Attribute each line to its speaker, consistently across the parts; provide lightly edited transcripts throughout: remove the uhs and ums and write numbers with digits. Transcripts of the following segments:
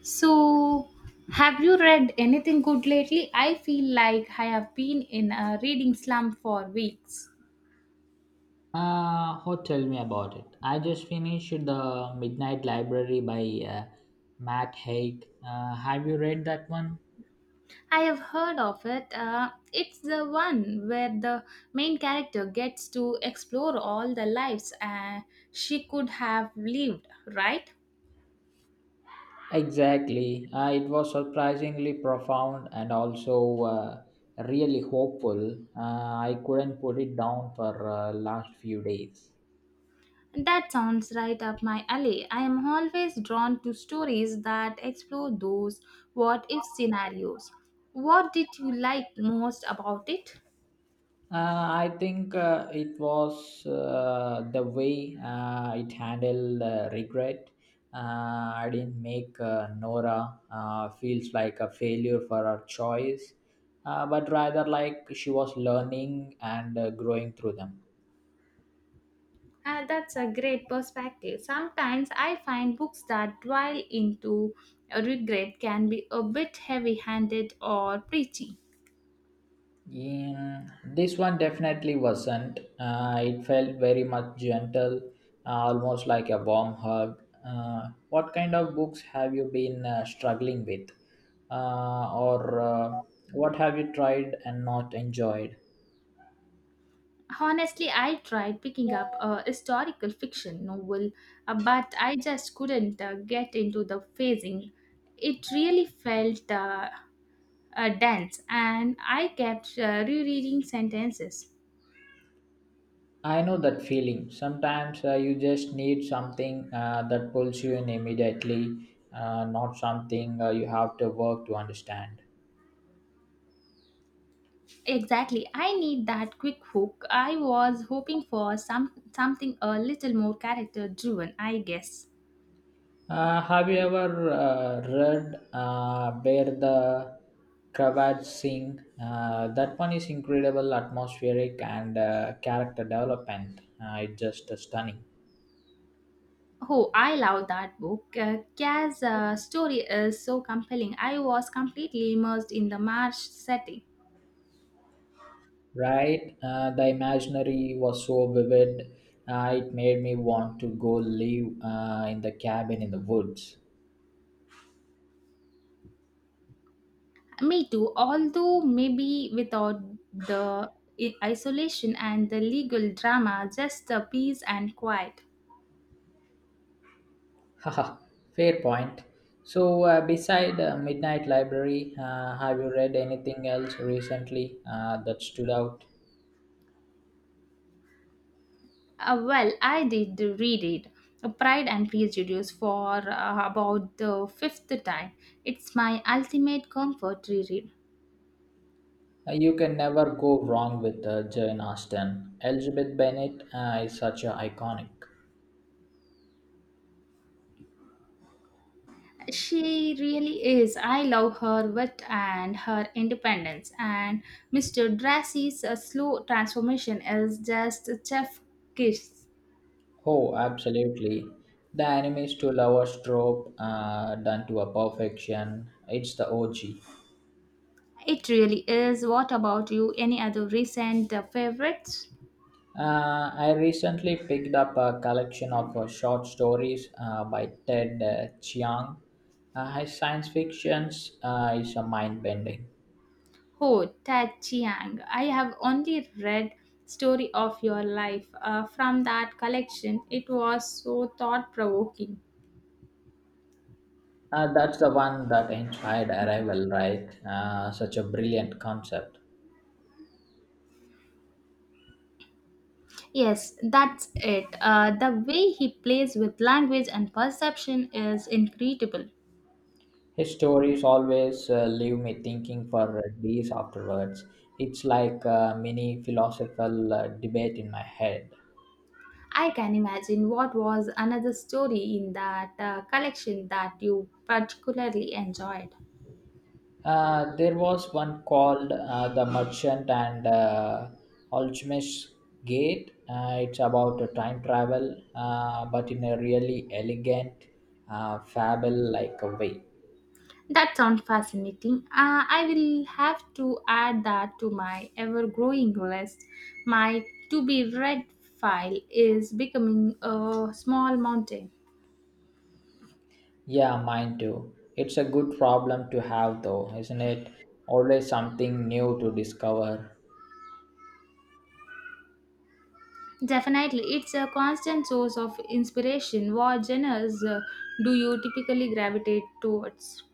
Speaker 1: So, have you read anything good lately? I feel like I have been in a reading slump for weeks.
Speaker 2: Oh, tell me about it. I just finished The Midnight Library by Matt Haig. Have you read that one?
Speaker 1: I have heard of it. It's the one where the main character gets to explore all the lives she could have lived, right?
Speaker 2: Exactly. It was surprisingly profound and also really hopeful. I couldn't put it down for last few days.
Speaker 1: That sounds right up my alley. I am always drawn to stories that explore those what if scenarios. What did you like most about it?
Speaker 2: I think it was the way it handled regret. I didn't make Nora feels like a failure for her choice, but rather like she was learning and growing through them.
Speaker 1: That's a great perspective. Sometimes I find books that dwell into regret can be a bit heavy handed or preachy.
Speaker 2: Yeah, this one definitely wasn't. It felt very much gentle, almost like a warm hug. What kind of books have you been struggling with? Or what have you tried and not enjoyed?
Speaker 1: Honestly, I tried picking up a historical fiction novel, but I just couldn't get into the phasing. It really felt dense, and I kept rereading sentences.
Speaker 2: I know that feeling. Sometimes you just need something that pulls you in immediately, not something you have to work to understand.
Speaker 1: Exactly. I need that quick hook. I was hoping for something a little more character driven, I guess.
Speaker 2: Have you ever read Where the Cravats Sing? That one is incredible, atmospheric, and character development. It's just stunning.
Speaker 1: Oh, I love that book. Kya's story is so compelling. I was completely immersed in the marsh setting.
Speaker 2: Right? The imaginary was so vivid, it made me want to go live in the cabin in the woods.
Speaker 1: Me too, although maybe without the isolation and the legal drama, just the peace and quiet.
Speaker 2: Haha, fair point. So, beside Midnight Library, have you read anything else recently that stood out?
Speaker 1: Well, I did read it, Pride and Prejudice, for about the fifth time. It's my ultimate comfort reread.
Speaker 2: You can never go wrong with Jane Austen. Elizabeth Bennet is such a iconic.
Speaker 1: She really is. I love her wit and her independence, and Mr. Darcy's slow transformation is just a chef kiss.
Speaker 2: Oh, absolutely. The enemies to lovers trope done to a perfection. It's the OG.
Speaker 1: It really is. What about you? Any other recent favorites?
Speaker 2: I recently picked up a collection of short stories by Ted Chiang. His science fictions is a mind bending.
Speaker 1: Oh, Ted Chiang, I have only read Story of Your Life. From that collection, it was so thought provoking.
Speaker 2: That's the one that inspired Arrival, right? Such a brilliant concept.
Speaker 1: Yes, that's it. The way he plays with language and perception is incredible.
Speaker 2: His stories always leave me thinking for days afterwards. It's like a mini philosophical debate in my head.
Speaker 1: I can imagine what was another story in that collection that you particularly enjoyed.
Speaker 2: There was one called The Merchant and Alchemist's Gate. It's about a time travel, but in a really elegant, fable like a way.
Speaker 1: That sounds fascinating. I will have to add that to my ever growing list. My to be read file is becoming a small mountain.
Speaker 2: Yeah, mine too. It's a good problem to have, though, isn't it? Always something new to discover.
Speaker 1: Definitely, it's a constant source of inspiration. What genres do you typically gravitate towards?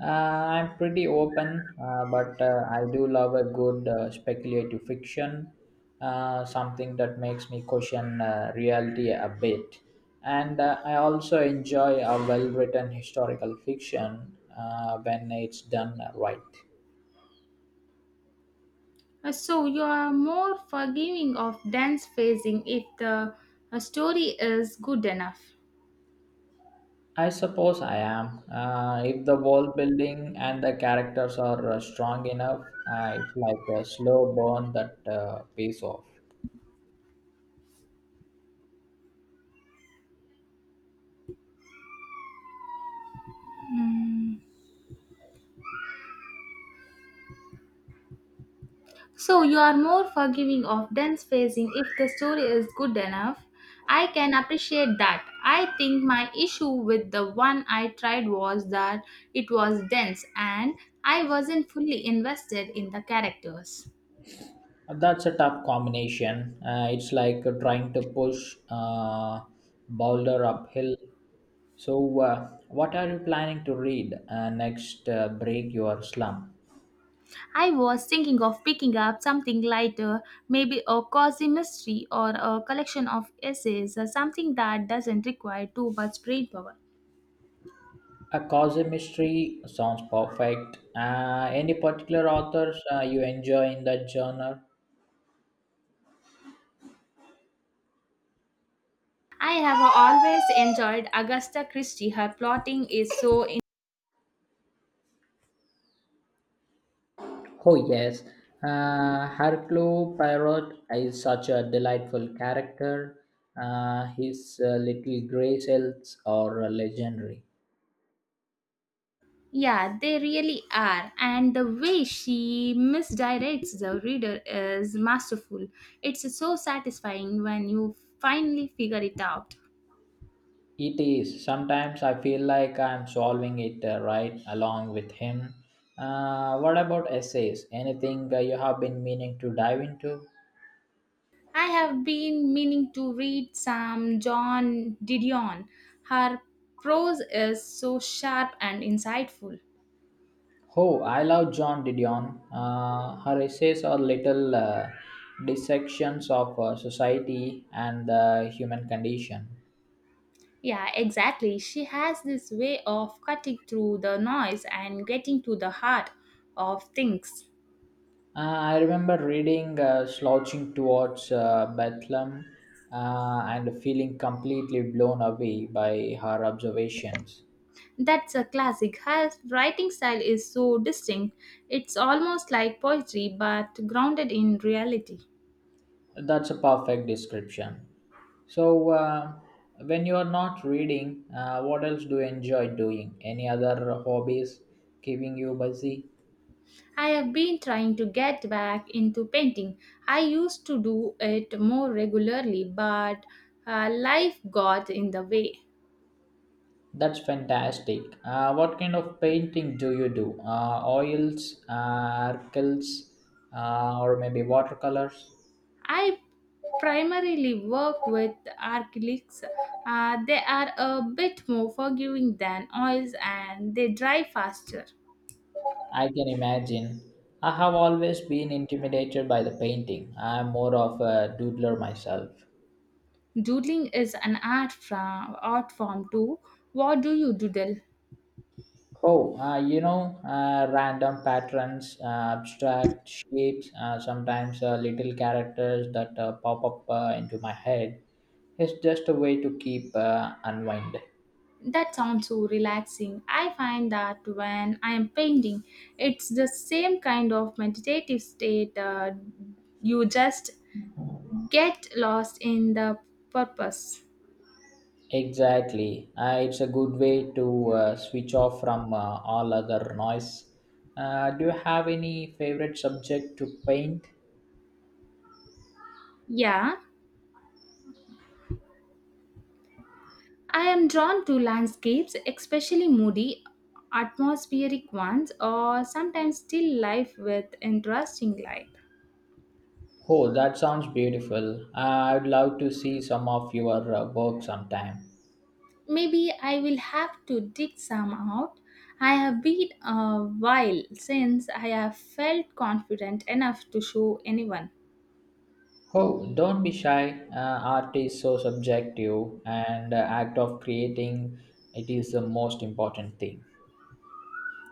Speaker 2: I'm pretty open, but I do love a good speculative fiction, something that makes me question reality a bit. And I also enjoy a well written historical fiction when it's done right.
Speaker 1: So, you are more forgiving of dense phrasing if the story is good enough.
Speaker 2: I suppose I am. If the world building and the characters are strong enough, it's like a slow burn that pays off.
Speaker 1: So you are more forgiving of dense pacing if the story is good enough. I can appreciate that. I think my issue with the one I tried was that it was dense and I wasn't fully invested in the characters.
Speaker 2: That's a tough combination. It's like trying to push boulder uphill. So, what are you planning to read next? Break your slump.
Speaker 1: I was thinking of picking up something lighter, maybe a cozy mystery or a collection of essays, or something that doesn't require too much brain power.
Speaker 2: A cozy mystery sounds perfect. Any particular authors you enjoy in that genre?
Speaker 1: I have always enjoyed Agatha Christie. Her plotting is so.
Speaker 2: Oh yes, Hercule Poirot is such a delightful character. His little gray cells are legendary.
Speaker 1: Yeah, they really are. And the way she misdirects the reader is masterful. It's so satisfying when you finally figure it out.
Speaker 2: It is. Sometimes I feel like I'm solving it right along with him. What about essays? Anything you have been meaning to dive into?
Speaker 1: I have been meaning to read some John Didion. Her prose is so sharp and insightful.
Speaker 2: Oh, I love John Didion. Her essays are little dissections of society and the human condition.
Speaker 1: Yeah, exactly. She has this way of cutting through the noise and getting to the heart of things.
Speaker 2: I remember reading Slouching Towards Bethlehem and feeling completely blown away by her observations.
Speaker 1: That's a classic. Her writing style is so distinct. It's almost like poetry but grounded in reality.
Speaker 2: That's a perfect description. So, when you are not reading, what else do you enjoy doing? Any other hobbies keeping you busy?
Speaker 1: I have been trying to get back into painting. I used to do it more regularly, but life got in the way.
Speaker 2: That's fantastic. What kind of painting do you do? Oils, acrylics, or maybe watercolors?
Speaker 1: I primarily work with acrylics. They are a bit more forgiving than oils and they dry faster.
Speaker 2: I can imagine. I have always been intimidated by the painting. I'm more of a doodler myself.
Speaker 1: Doodling is an art, art form too. What do you doodle?
Speaker 2: Oh, you know, random patterns, abstract shapes, sometimes little characters that pop up into my head. It's just a way to keep unwind.
Speaker 1: That sounds so relaxing. I find that when I am painting, it's the same kind of meditative state. You just get lost in the purpose.
Speaker 2: Exactly. It's a good way to switch off from all other noise. Do you have any favorite subject to paint?
Speaker 1: Yeah, I am drawn to landscapes, especially moody, atmospheric ones, or sometimes still life with interesting light.
Speaker 2: Oh, that sounds beautiful. I'd love to see some of your work sometime.
Speaker 1: Maybe I will have to dig some out. I have been a while since I have felt confident enough to show anyone.
Speaker 2: Oh, don't be shy. Art is so subjective, and the act of creating it is the most important thing.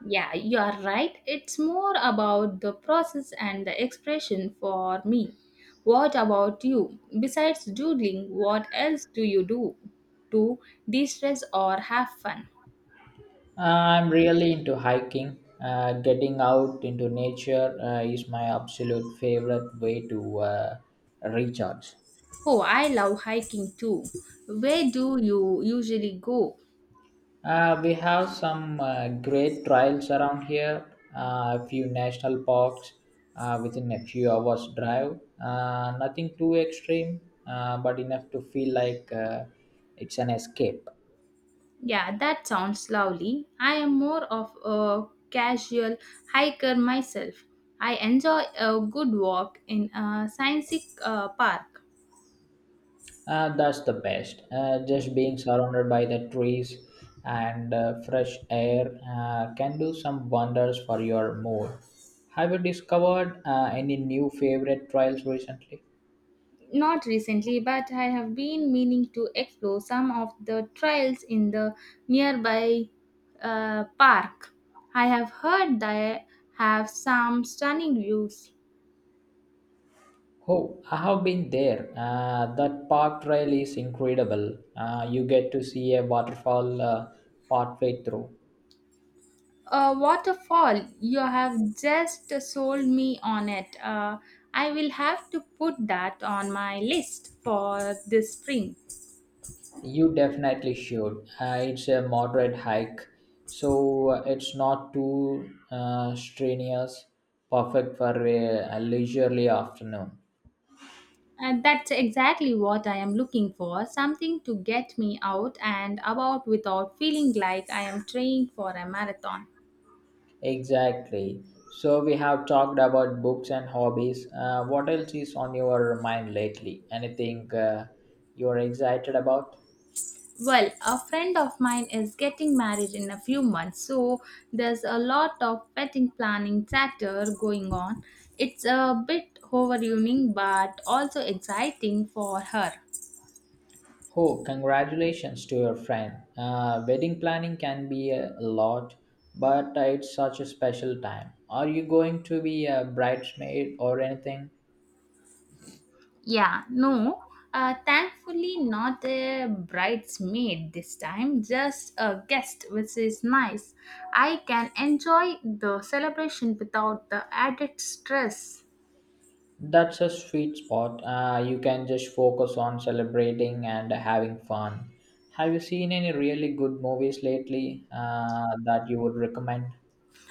Speaker 1: Yeah, you are right. It's more about the process and the expression for me. What about you? Besides doodling, what else do you do to de stress or have fun?
Speaker 2: I'm really into hiking. Getting out into nature is my absolute favorite way to recharge.
Speaker 1: Oh, I love hiking too. Where do you usually go?
Speaker 2: We have some great trails around here, a few national parks within a few hours' drive. Nothing too extreme, but enough to feel like it's an escape.
Speaker 1: Yeah, that sounds lovely. I am more of a casual hiker myself. I enjoy a good walk in a scenic park.
Speaker 2: That's the best. Just being surrounded by the trees and fresh air can do some wonders for your mood. Have you discovered any new favorite trails recently?
Speaker 1: Not recently, but I have been meaning to explore some of the trails in the nearby park. I have heard they have some stunning views.
Speaker 2: Oh, I have been there. That park trail is incredible. You get to see a waterfall partway through.
Speaker 1: A waterfall, you have just sold me on it. I will have to put that on my list for this spring.
Speaker 2: You definitely should. It's a moderate hike, so it's not too strenuous. Perfect for a leisurely afternoon.
Speaker 1: And that's exactly what I am looking for something to get me out and about without feeling like I am training for a marathon.
Speaker 2: Exactly. So we have talked about books and hobbies. What else is on your mind lately? Anything you're excited about?
Speaker 1: Well, a friend of mine is getting married in a few months, so there's a lot of wedding planning chatter going on. It's a bit overwhelming but also exciting for her.
Speaker 2: Oh, congratulations to your friend. Wedding planning can be a lot, but it's such a special time. Are you going to be a bridesmaid or anything?
Speaker 1: Yeah, no, thankfully not a bridesmaid this time, just a guest, which is nice. I can enjoy the celebration without the added stress.
Speaker 2: That's a sweet spot. You can just focus on celebrating and having fun. Have you seen any really good movies lately that you would recommend?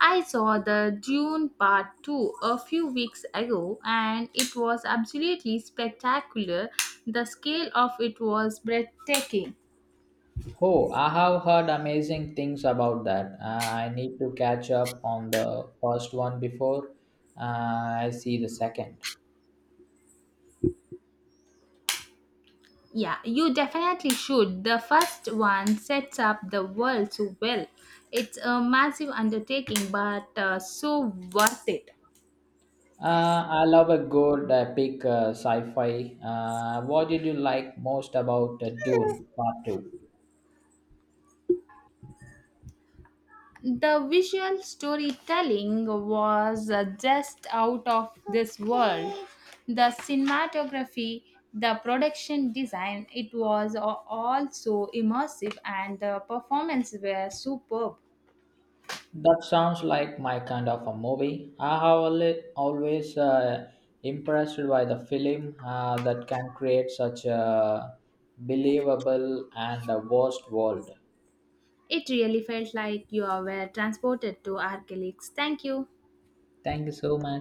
Speaker 1: I saw the Dune Part 2 a few weeks ago and it was absolutely spectacular. The scale of it was breathtaking.
Speaker 2: Oh, I have heard amazing things about that. I need to catch up on the first one before I see the second.
Speaker 1: Yeah, you definitely should. The first one sets up the world so well. It's a massive undertaking but so worth it.
Speaker 2: I love a good epic sci-fi. What did you like most about Dune Part Two?
Speaker 1: The visual storytelling was just out of this world. The cinematography, the production design, it was all so immersive and the performances were superb.
Speaker 2: That sounds like my kind of a movie. I have always impressed by the film that can create such a believable and a vast world.
Speaker 1: It really felt like you were transported to Archelix. Thank you.
Speaker 2: Thank you so much.